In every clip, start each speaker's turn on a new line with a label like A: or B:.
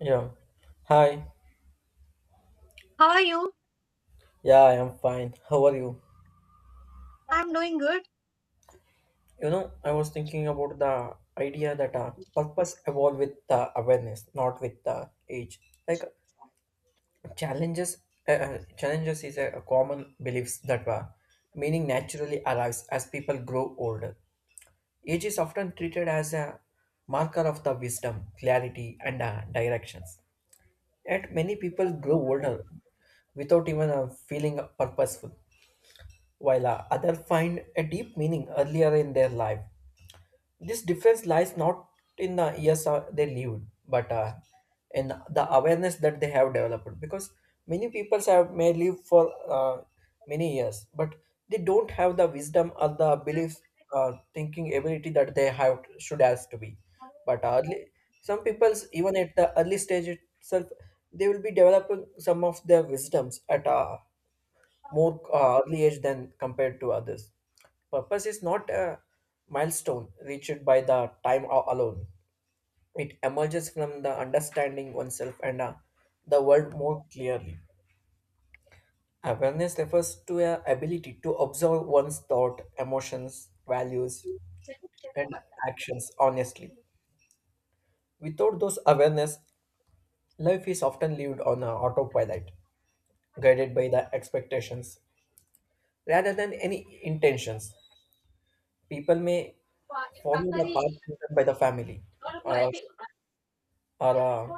A: Yeah. Hi.
B: How are you?
A: Yeah, I am fine. How are you?
B: I'm doing good.
A: I was thinking about the idea that purpose evolve with the awareness, not with the age. Like challenges, challenges is a common beliefs that meaning naturally arrives as people grow older. Age is often treated as a marker of the wisdom, clarity, and directions. Yet many people grow older without even feeling purposeful. While others find a deep meaning earlier in their life. This difference lies not in the years they lived, but in the awareness that they have developed. Because many people have may live for many years, but they don't have the wisdom or the belief, thinking ability that they have should has to be. But early, some people even at the early stage itself, they will be developing some of their wisdoms at more early age than compared to others. Purpose is not a milestone reached by the time alone. It emerges from the understanding oneself and the world more clearly. Awareness refers to a ability to observe one's thought, emotions, values, and actions honestly. Without those awareness, life is often lived on a autopilot, guided by the expectations rather than any intentions. People may follow the path chosen by the family uh, or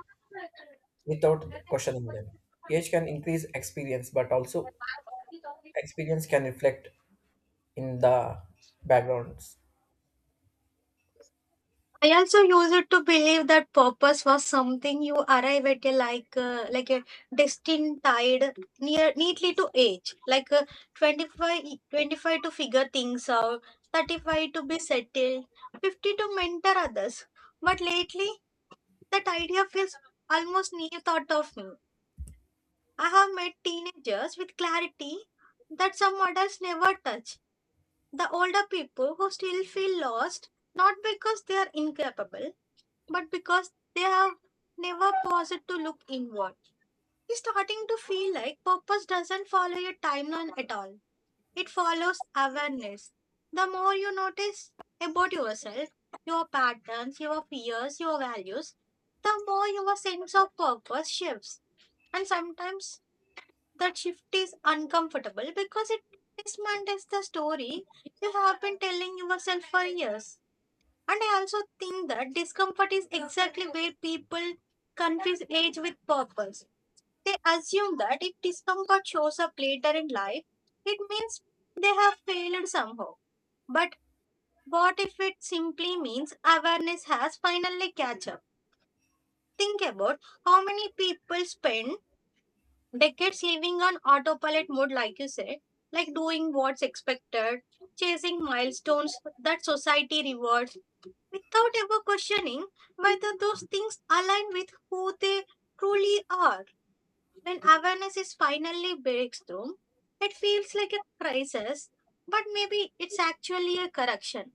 A: without questioning them. Age can increase experience, but also experience can reflect in the backgrounds.
B: I also use it to believe that purpose was something you arrive at a like a destined tied near neatly to age, 25, twenty-five to figure things out, 35 to be settled, 50 to mentor others. But lately, that idea feels almost new thought of me. I have met teenagers with clarity that some adults never touch the older people who still feel lost not because they are incapable but because they have never paused to look inward. It's starting to feel like purpose doesn't follow a timeline at all. It follows awareness. The more you notice about yourself, your patterns, your fears, your values, the more your sense of purpose shifts. And sometimes that shift is uncomfortable because it dismantles the story you have been telling yourself for years. And I also think that discomfort is exactly where people confuse age with purpose. They assume that if discomfort shows up later in life, it means they have failed somehow. But what if it simply means awareness has finally catch up? Think about how many people spend decades living on autopilot mode, like you said, like doing what's expected, chasing milestones that society rewards, without ever questioning whether those things align with who they truly are. When awareness is finally breaks through, it feels like a crisis, but maybe it's actually a correction.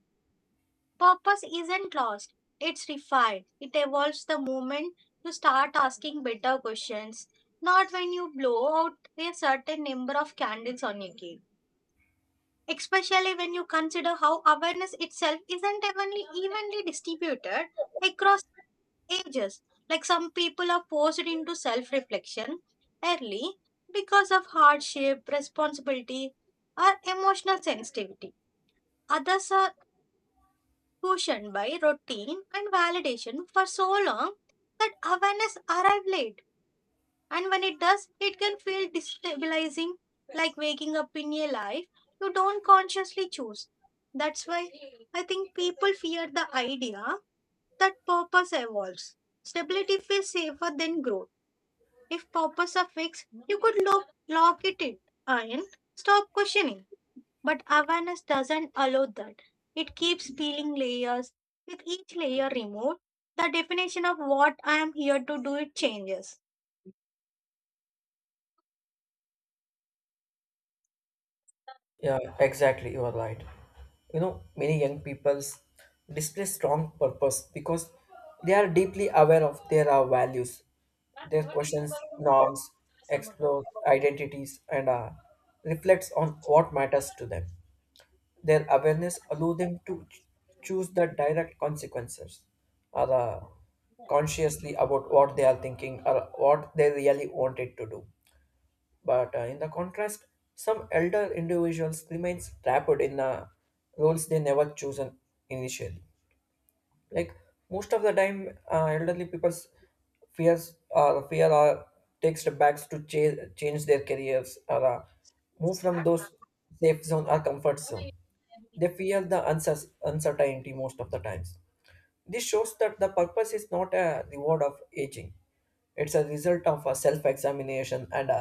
B: Purpose isn't lost, it's refined. It evolves the moment you start asking better questions, not when you blow out a certain number of candles on your cake. Especially when you consider how awareness itself isn't evenly distributed across ages. Like some people are forced into self reflection early because of hardship, responsibility, or emotional sensitivity. Others are cushioned by routine and validation for so long that awareness arrives late. And when it does, it can feel destabilizing, like waking up in a life you don't consciously choose. That's why I think people fear the idea that purpose evolves. Stability feels safer than growth. If purpose are fixed, you could lock it in and stop questioning. But awareness doesn't allow that. It keeps peeling layers. With each layer removed, the definition of what I am here to do it changes.
A: Yeah, exactly. You are right. You know, many young peoples display strong purpose because they are deeply aware of their values, their questions, norms, explore identities, and reflects on what matters to them. Their awareness allow them to choose the direct consequences or consciously about what they are thinking or what they really wanted to do. But in the contrast, some elder individuals remains trapped in the roles they never chosen initially, like most of the time elderly people's fear or take step backs to change their careers or move from those safe zone or comfort zone. They fear the uncertainty most of the times. This shows that the purpose is not a reward of aging, it's a result of a self-examination and a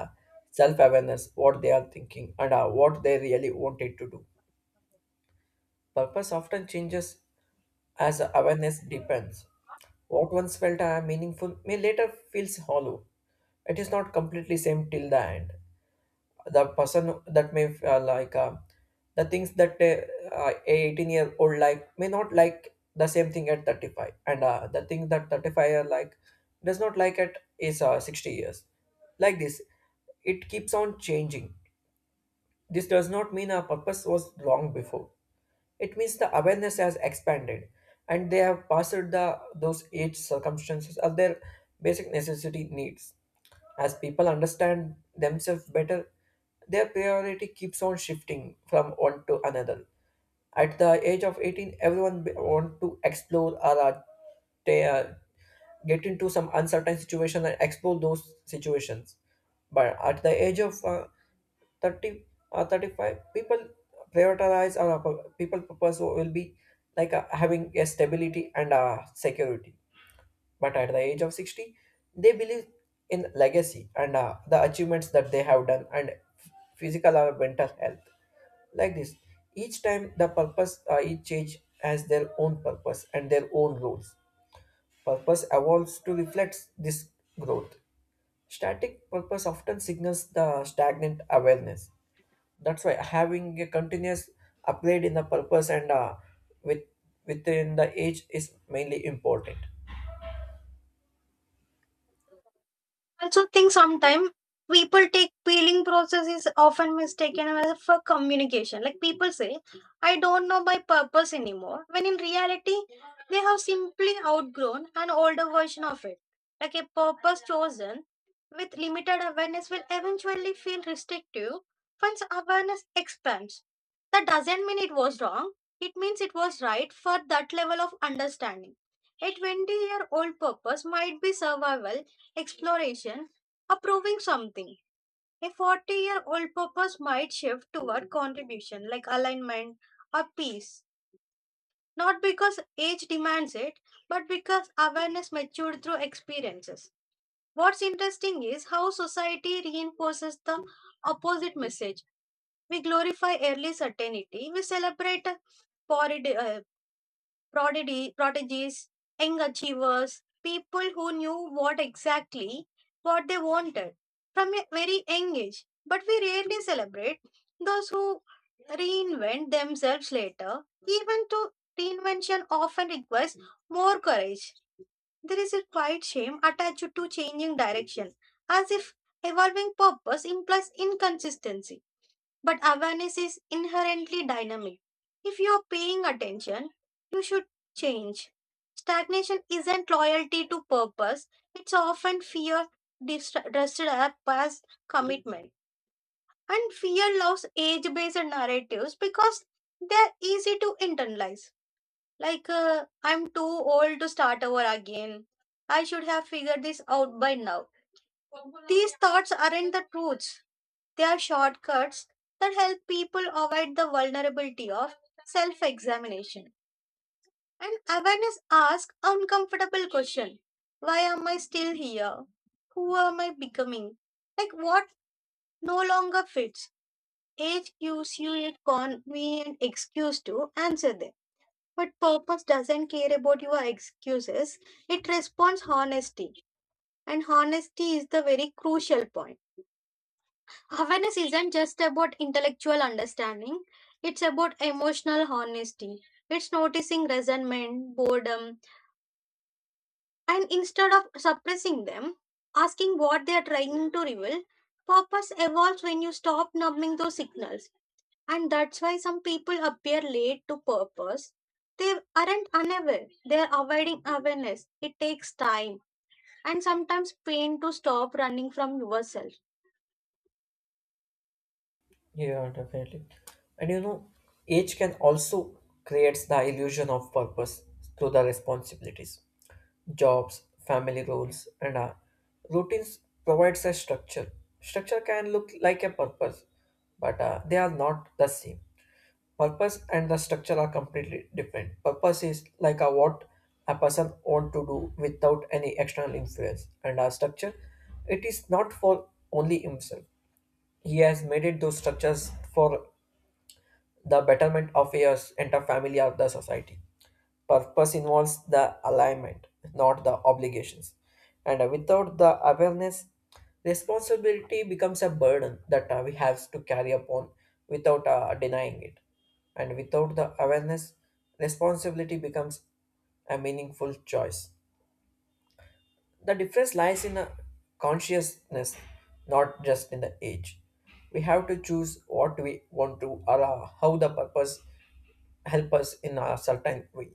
A: self-awareness, what they are thinking and what they really wanted to do. Purpose often changes as awareness deepens. What once felt meaningful may later feels hollow. It is not completely same till the end. The person that may the things that a 18-year-old like may not like the same thing at 35, and the thing that 35-year like does not like at is 60 years. Like this, it keeps on changing. This does not mean our purpose was wrong before. It means the awareness has expanded and they have passed the those age circumstances of their basic necessity needs. As people understand themselves better, their priority keeps on shifting from one to another. At the age of 18, everyone want to explore or they get into some uncertain situation and explore those situations. But at the age of 30 or 35, people prioritize or people purpose will be like having a stability and security. But at the age of 60, they believe in legacy and the achievements that they have done and physical or mental health. Like this, each time the purpose, each change has their own purpose and their own rules. Purpose evolves to reflect this growth. Static purpose often signals the stagnant awareness. That's why having a continuous upgrade in the purpose and with within the age is mainly important.
B: Also think sometimes people take peeling process is often mistaken as for communication. Like people say, I don't know my purpose anymore. When in reality, they have simply outgrown an older version of it. Like a purpose chosen with limited awareness will eventually feel restrictive once awareness expands. That doesn't mean it was wrong, it means it was right for that level of understanding. A 20-year-old purpose might be survival, exploration, or proving something. A 40-year-old purpose might shift toward contribution like alignment or peace. Not because age demands it, but because awareness matured through experiences. What's interesting is how society reinforces the opposite message. We glorify early certainty, we celebrate poverty, prodigies, young achievers, people who knew what exactly what they wanted from a very young age. But we rarely celebrate those who reinvent themselves later. Even to reinvention often requires more courage. There is a quiet shame attached to changing direction, as if evolving purpose implies inconsistency. But awareness is inherently dynamic. If you're paying attention, you should change. Stagnation isn't loyalty to purpose, it's often fear dressed up as commitment. And fear loves age based narratives because they're easy to internalize. I'm too old to start over again. I should have figured this out by now. These thoughts aren't the truths they are shortcuts that help people avoid the vulnerability of self examination. And awareness asks uncomfortable question. Why am I still here? Who am I becoming? Like what no longer fits? Age gives you a convenient excuse to answer them. But purpose doesn't care about your excuses. It responds honesty. And honesty is the very crucial point. Awareness isn't just about intellectual understanding, it's about emotional honesty. It's noticing resentment, boredom, and instead of suppressing them, asking what they are trying to reveal. Purpose evolves when you stop numbing those signals, and that's why some people appear late to purpose. They aren't unaware, they are avoiding awareness. It takes time and sometimes pain to stop running from yourself.
A: Yeah, definitely. And you know, age can also creates the illusion of purpose through the responsibilities, jobs, family roles, and routines provides a structure. Structure can look like a purpose, but they are not the same. Purpose and the structure are completely different. Purpose is like a what a person want to do without any external influence, and our structure, it is not for only himself. He has made it those structures for the betterment of his entire family or the society. Purpose involves the alignment, not the obligations. And without the awareness, responsibility becomes a burden that we have to carry upon without denying it. And without the awareness, responsibility becomes a meaningful choice. The difference lies in a consciousness, not just in the age. We have to choose what we want to or how the purpose help us in a certain way.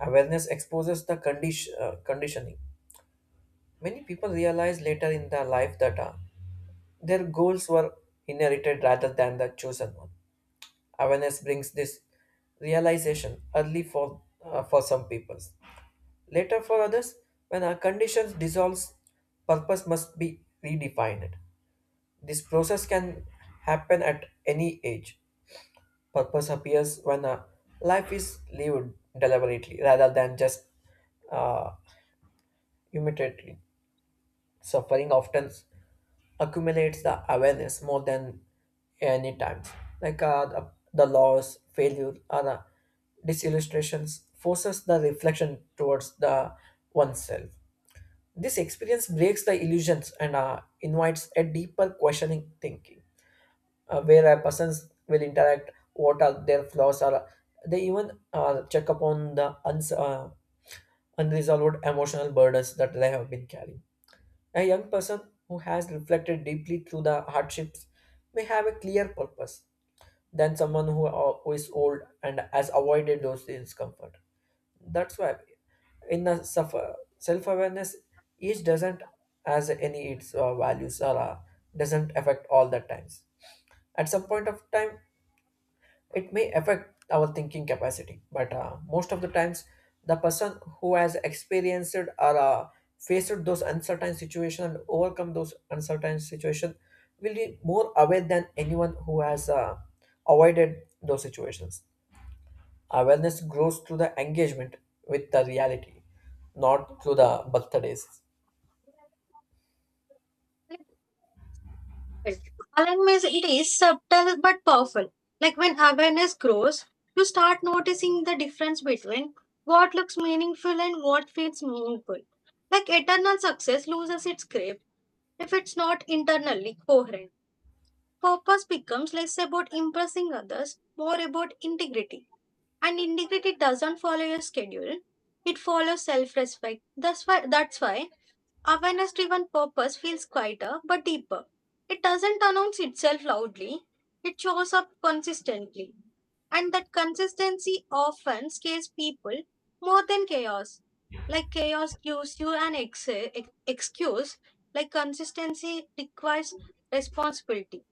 A: Awareness exposes the conditioning. Many people realize later in their life that their goals were inherited rather than the chosen one. Awareness brings this realization early for some people. Later for others, when our conditions dissolves, purpose must be redefined. This process can happen at any age. Purpose appears when a life is lived deliberately rather than just uh, immediately. Suffering often accumulates the awareness more than any time. Like the loss, failure, or the disillustrations forces the reflection towards the oneself. This experience breaks the illusions and invites a deeper questioning thinking, where a persons will interact what are their flaws are. They even check upon the unresolved emotional burdens that they have been carrying. A young person who has reflected deeply through the hardships may have a clear purpose than someone who is old and has avoided those discomfort. That's why in the suffer, self-awareness, each doesn't has any its values or doesn't affect all the times. At some point of time, it may affect our thinking capacity, but most of the times the person who has experienced or faced those uncertain situation and overcome those uncertain situation will be more aware than anyone who has avoided those situations. Awareness grows through the engagement with the reality, not through the birthdays.
B: Awareness, it is subtle but powerful. Like when awareness grows, you start noticing the difference between what looks meaningful and what feels meaningful. Like eternal success loses its grip if it's not internally coherent. Purpose becomes less about impressing others, more about integrity. And integrity doesn't follow your schedule. It follows self-respect. That's why awareness driven purpose feels quieter but deeper. It doesn't announce itself loudly, it shows up consistently. And that consistency often scares people more than chaos. Like chaos gives you an excuse, like consistency requires responsibility.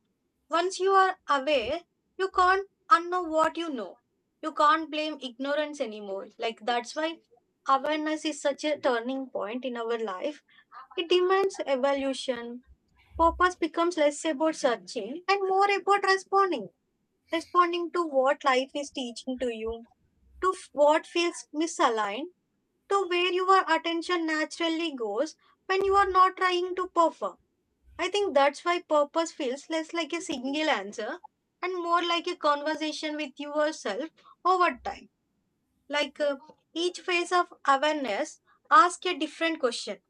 B: Once you are aware, you can't unknow what you know. You can't blame ignorance anymore. Like that's why awareness is such a turning point in our life. It demands evolution. Purpose becomes less about searching and more about responding. Responding to what life is teaching to you, to what feels misaligned, to where your attention naturally goes when you are not trying to perform. I think that's why purpose feels less like a single answer and more like a conversation with yourself over time. Like uh, each phase of awareness ask a different question.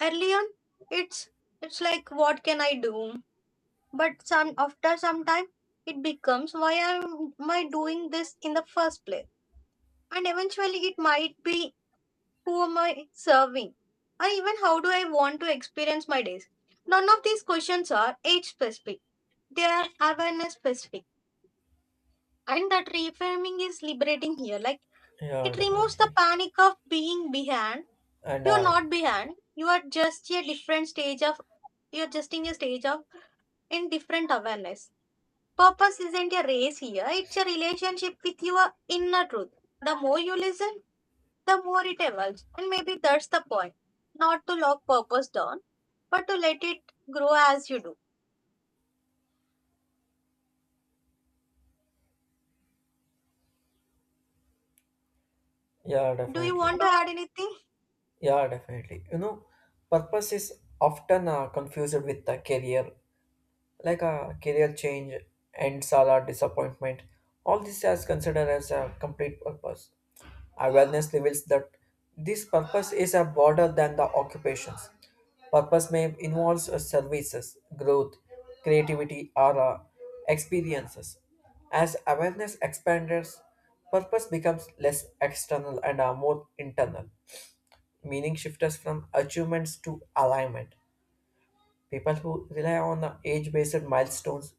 B: Early on, it's it's like what can I do? But some after some time, it becomes why am I doing this in the first place? And eventually, it might be who am I serving, or even how do I want to experience my days. None of these questions are age specific. They are awareness specific, and that reframing is liberating here. Like
A: Yeah,
B: it removes the
A: definitely.
B: panic of being behind.
A: And
B: You are not behind. You are just a different stage of. You are just in a stage of in different awareness. Purpose isn't a race here. It's a relationship with your inner truth. The more you listen, the more it evolves, and maybe that's the point. Not to lock purpose down, but to let it grow as you do.
A: Yeah,
B: Do you
A: definitely.
B: want to add anything?
A: Yeah, definitely. You know, purpose is often confused with the career, like a career change and sala disappointment. All this is considered as a complete purpose. Awareness reveals that this purpose is a broader than the occupations. Purpose may involve services growth, creativity, or experiences. As awareness expands, purpose becomes less external and are more internal. Meaning shifts from achievements to alignment. People who rely on the age-based milestones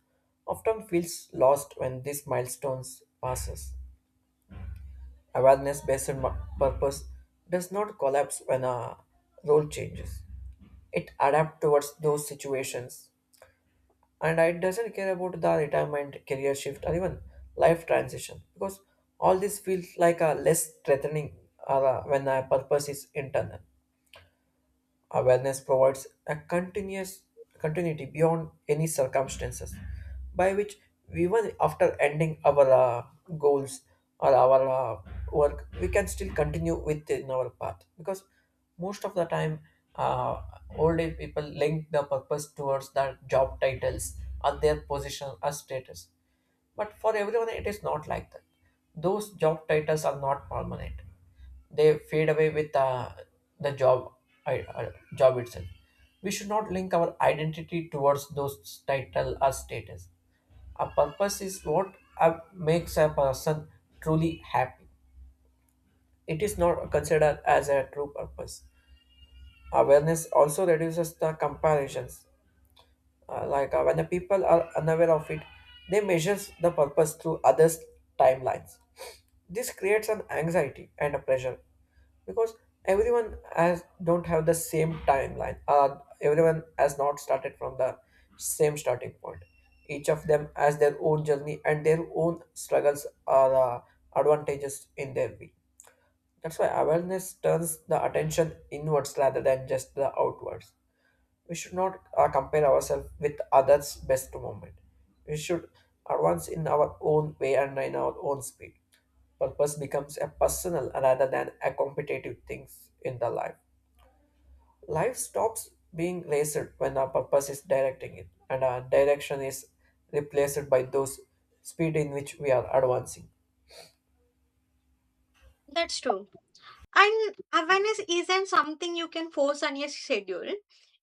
A: often feels lost when these milestones passes. Awareness-based purpose does not collapse when a role changes. It adapts towards those situations. And it doesn't care about the retirement, career shift, or even life transition, because all this feels like a less threatening when a purpose is internal. Awareness provides a continuous continuity beyond any circumstances, by which even after ending our goals or our uh, work, we can still continue within our path. Because most of the time, uh, old age people link the purpose towards their job titles or their position or status. But for everyone, it is not like that. Those job titles are not permanent. They fade away with the I uh, job itself. We should not link our identity towards those title or status. A purpose is what makes a person truly happy. It is not considered as a true purpose. Awareness also reduces the comparisons. Like when the people are unaware of it, they measures the purpose through others' timelines. This creates an anxiety and a pressure because everyone has don't have the same timeline. Everyone has not started from the same starting point. Each of them has their own journey and their own struggles or advantages in their way. That's why awareness turns the attention inwards rather than just the outwards. We should not compare ourselves with others' best moment. We should advance in our own way and in our own speed. Purpose becomes a personal rather than a competitive thing in the life. Life stops being raced when our purpose is directing it, and our direction is replaced by those speed in which we are advancing.
B: That's true. And awareness isn't something you can force on your schedule.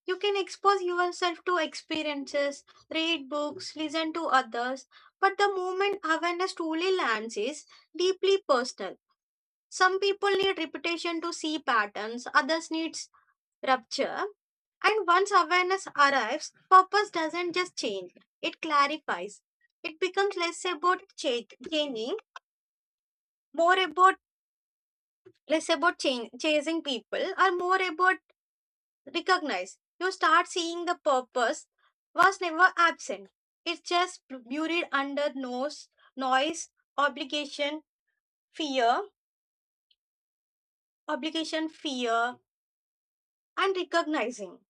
B: You can expose yourself to experiences, read books, listen to others. But the moment awareness truly lands is deeply personal. Some people need repetition to see patterns, others needs rupture. And once awareness arrives, purpose doesn't just change, it clarifies. It becomes changing, more about less about change, chasing people, or more about recognize. You start seeing the purpose was never absent. It's just buried under noise, obligation, fear, obligation, fear, and recognizing.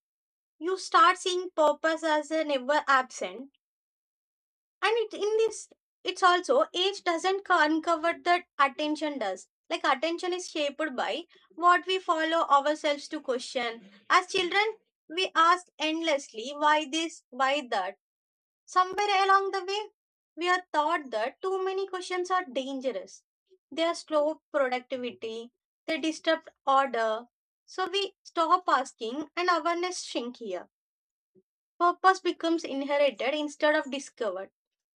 B: You start seeing purpose as a never absent. And it in this it's also age doesn't uncover that attention does. Like attention is shaped by what we follow ourselves to question. As children, we ask endlessly why this, why that. Somewhere along the way, we are taught that too many questions are dangerous. They are slow productivity, they disturb order. So we stop asking and awareness shrink here. Purpose becomes inherited instead of discovered.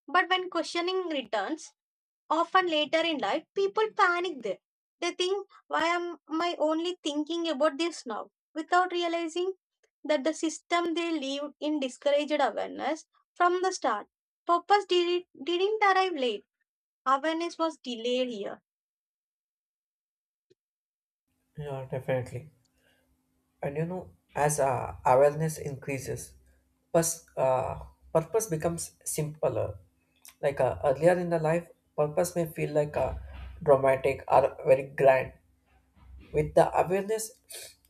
B: But when questioning returns, often later in life, people panic there. They think, why am I only thinking about this now? Without realizing that the system they lived in discouraged awareness from the start. Purpose didn't arrive late, awareness was delayed here.
A: Yeah, definitely. And you know, as awareness increases, pers- uh, purpose becomes simpler. Like earlier in the life, purpose may feel like a dramatic or very grand. With the awareness,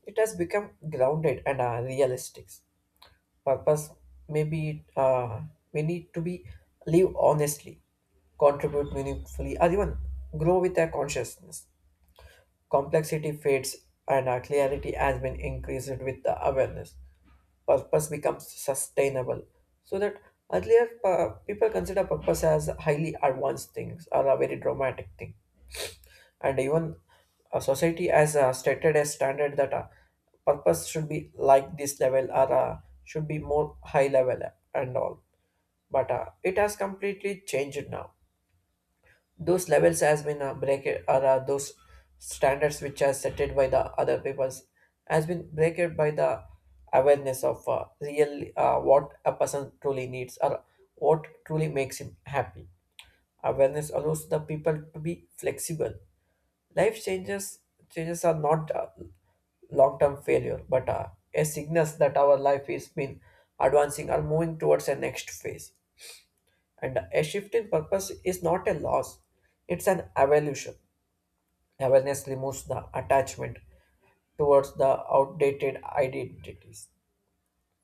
A: it has become grounded and realistic. Purpose may be we need to be live honestly, contribute meaningfully, or even grow with a consciousness. Complexity fades and our clarity has been increased with the awareness. Purpose becomes sustainable. So that earlier people consider purpose as highly advanced things or a very dramatic thing, and even a society has stated a standard that purpose should be like this level or should be more high level and all. But it has completely changed now. Those levels has been break or those standards which are set it by the other peoples has been broken by the awareness of real what a person truly needs or what truly makes him happy. Awareness allows the people to be flexible. Life changes. Changes are not long-term failure but a signals that our life is been advancing or moving towards a next phase, and a shift in purpose is not a loss, it's an evolution. Awareness removes the attachment towards the outdated identities,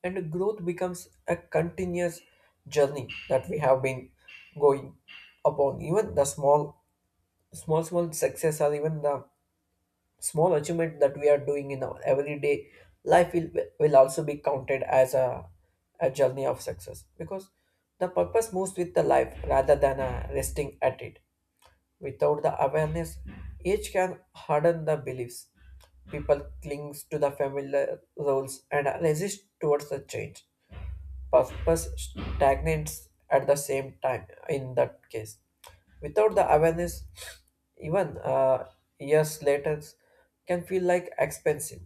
A: and growth becomes a continuous journey that we have been going upon. Even the small success, or even the small achievement that we are doing in our everyday life will also be counted as a journey of success because the purpose moves with the life rather than resting at it. Without the awareness, age can harden the beliefs. People clings to the familiar roles and resist towards the change. Purpose stagnates at the same time in that case. Without the awareness, even years later can feel like expensive.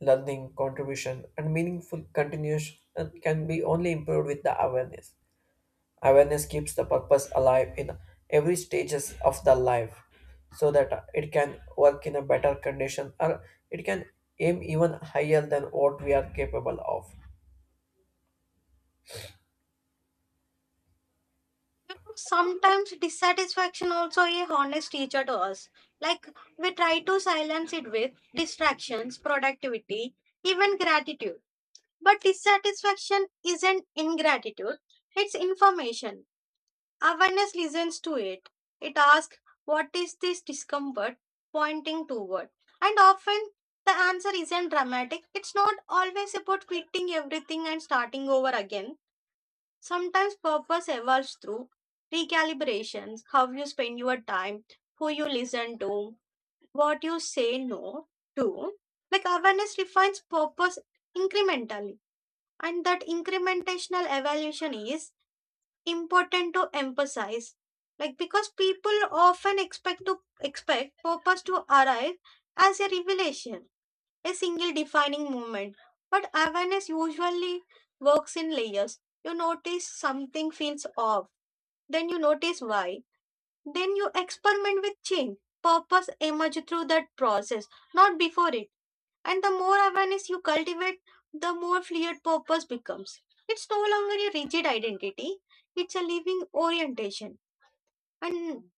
A: Learning, contribution, and meaningful continuation can be only improved with the awareness. Awareness keeps the purpose alive in every stages of the life so that it can work in a better condition or it can aim even higher than what we are capable of.
B: You know, sometimes dissatisfaction also a honest teacher to us. Like we try to silence it with distractions, productivity, even gratitude. But dissatisfaction isn't ingratitude, it's information. Awareness listens to it. It asks, what is this discomfort pointing toward? And often the answer isn't dramatic. It's not always about quitting everything and starting over again. Sometimes purpose evolves through recalibrations, how you spend your time, who you listen to, what you say no to. Like awareness refines purpose incrementally, and that incrementational evaluation is important to emphasize like because people often expect purpose to arrive as a revelation, a single defining moment, but awareness usually works in layers. You notice something feels off, then you notice why, then you experiment with change. Purpose emerge through that process, not before it. And the more awareness you cultivate, the more fluid purpose becomes. It's no longer a rigid identity, it's a living orientation and,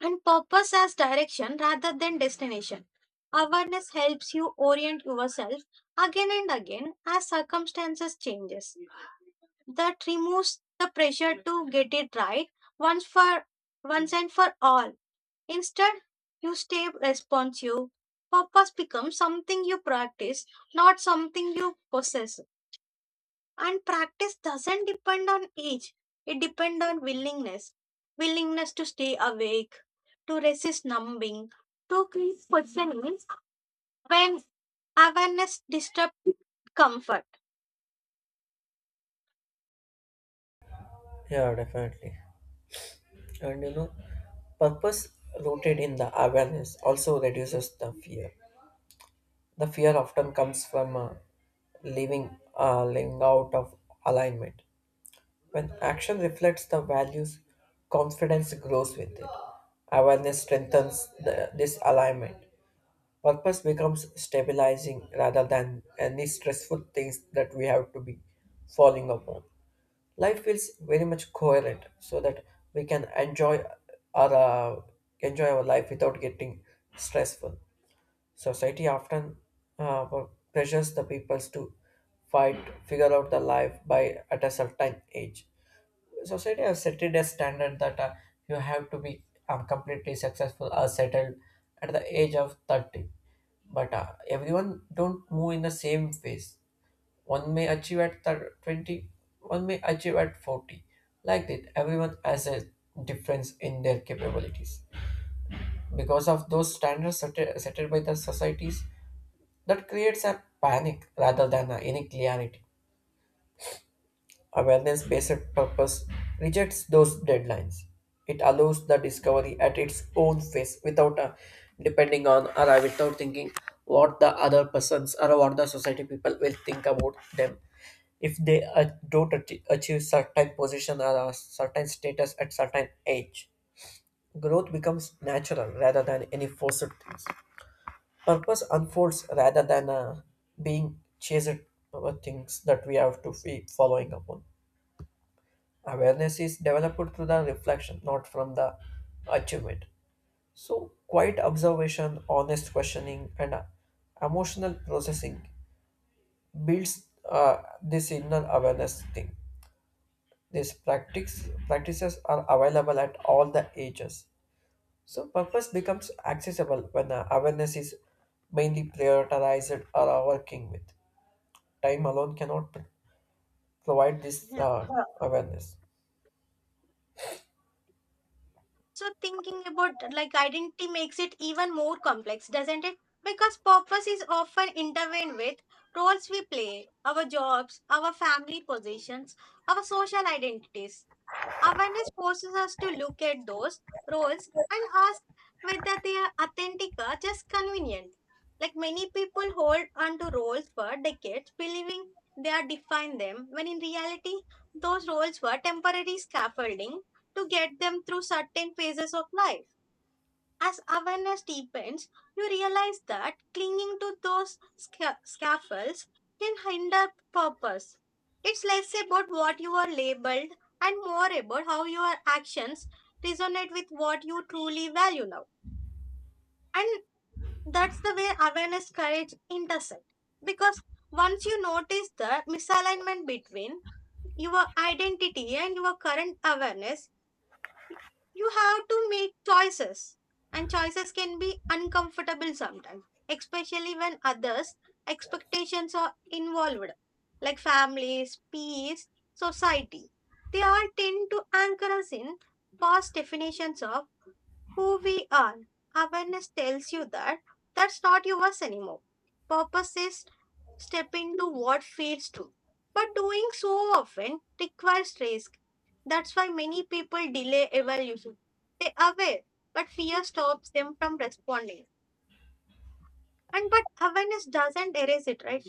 B: and purpose as direction rather than destination. Awareness helps you orient yourself again and again as circumstances changes. That removes the pressure to get it right once for once and for all. Instead, you stay responsive. Purpose becomes something you practice, not something you possess. And practice doesn't depend on age, it depends on willingness. Willingness to stay awake, to resist numbing, to keep questioning when awareness disturbs comfort.
A: Yeah, definitely. And you know, purpose rooted in the awareness also reduces the fear. The fear often comes from living out of alignment. When action reflects the values, confidence grows with it. Awareness strengthens this alignment. Purpose becomes stabilizing rather than any stressful things that we have to be falling upon. Life feels very much coherent so that we can our uh, enjoy our life without getting stressful. Society often uh, pressures the peoples to figure out the life by at a certain age. Society has set it a standard that you have to be completely successful or settled at the age of 30, but everyone don't move in the same phase. One may achieve at 20, one may achieve at 40. Like that, everyone has a difference in their capabilities. Because of those set by the societies, that creates a panic rather than any clarity. Awareness based purpose rejects those deadlines. It allows the discovery at its own pace without depending on or without thinking what the other persons or what the society people will think about them. If they don't ach- achieve certain position or a certain status at certain age, growth becomes natural rather than any forced things. Purpose unfolds rather than being chased over things that we have to be following upon. Awareness is developed through the reflection, not from the achievement. So, quiet observation, honest questioning, and emotional processing builds this inner awareness thing. These practices are available at all the ages. So, purpose becomes accessible when awareness is mainly prioritized or working with. Time alone cannot provide this awareness.
B: So thinking about like identity makes it even more complex, doesn't it? Because purpose is often intertwined with roles we play, our jobs, our family positions, our social identities. Awareness forces us to look at those roles and ask whether they are authentic or just convenient. Like many people hold onto roles for decades, believing they are define them, when in reality, those roles were temporary scaffolding to get them through certain phases of life. As awareness deepens, you realize that clinging to those scaffolds can hinder purpose. It's less about what you are labeled and more about how your actions resonate with what you truly value now. And that's the way awareness courage intersect. Because once you notice the misalignment between your identity and your current awareness, you have to make choices and choices can be uncomfortable sometimes, especially when others expectations are involved, like families, peers, society. They all tend to anchor us in past definitions of who we are. Awareness tells you that that's not yours anymore. Purpose is step into what feels true, but doing so often requires risk. That's why many people delay evolution. They aware, but fear stops them from responding. And but awareness doesn't erase it, right?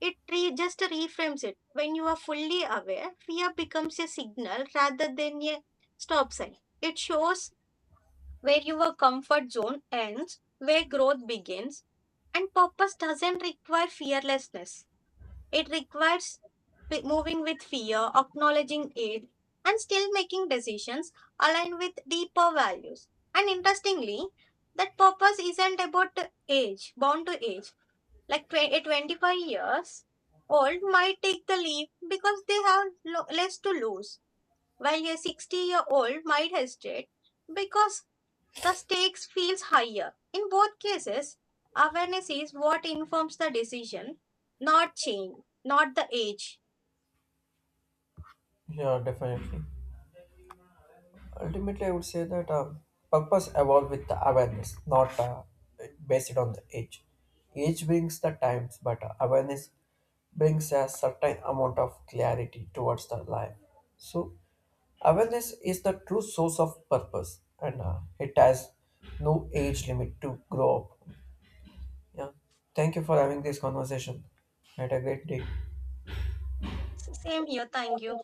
B: It just reframes it. When you are fully aware, fear becomes a signal rather than a stop sign. It shows where your comfort zone ends, where growth begins, and purpose doesn't require fearlessness. It requires moving with fear, acknowledging it, and still making decisions aligned with deeper values. And interestingly, that purpose isn't about age, bound to age. Like a 25 years old might take the leap because they have less to lose, while a 60-year-old might hesitate because the stakes feels higher. In both cases, awareness is what informs the decision, not change, not the age.
A: Yeah, definitely. Ultimately, I would say that purpose evolve with the awareness, not based on the age. Age brings the times, but awareness brings a certain amount of clarity towards the life. So, awareness is the true source of purpose, and it has no age limit to grow up. Yeah. Thank you for having this conversation. Had a great day.
B: Same here. Thank you.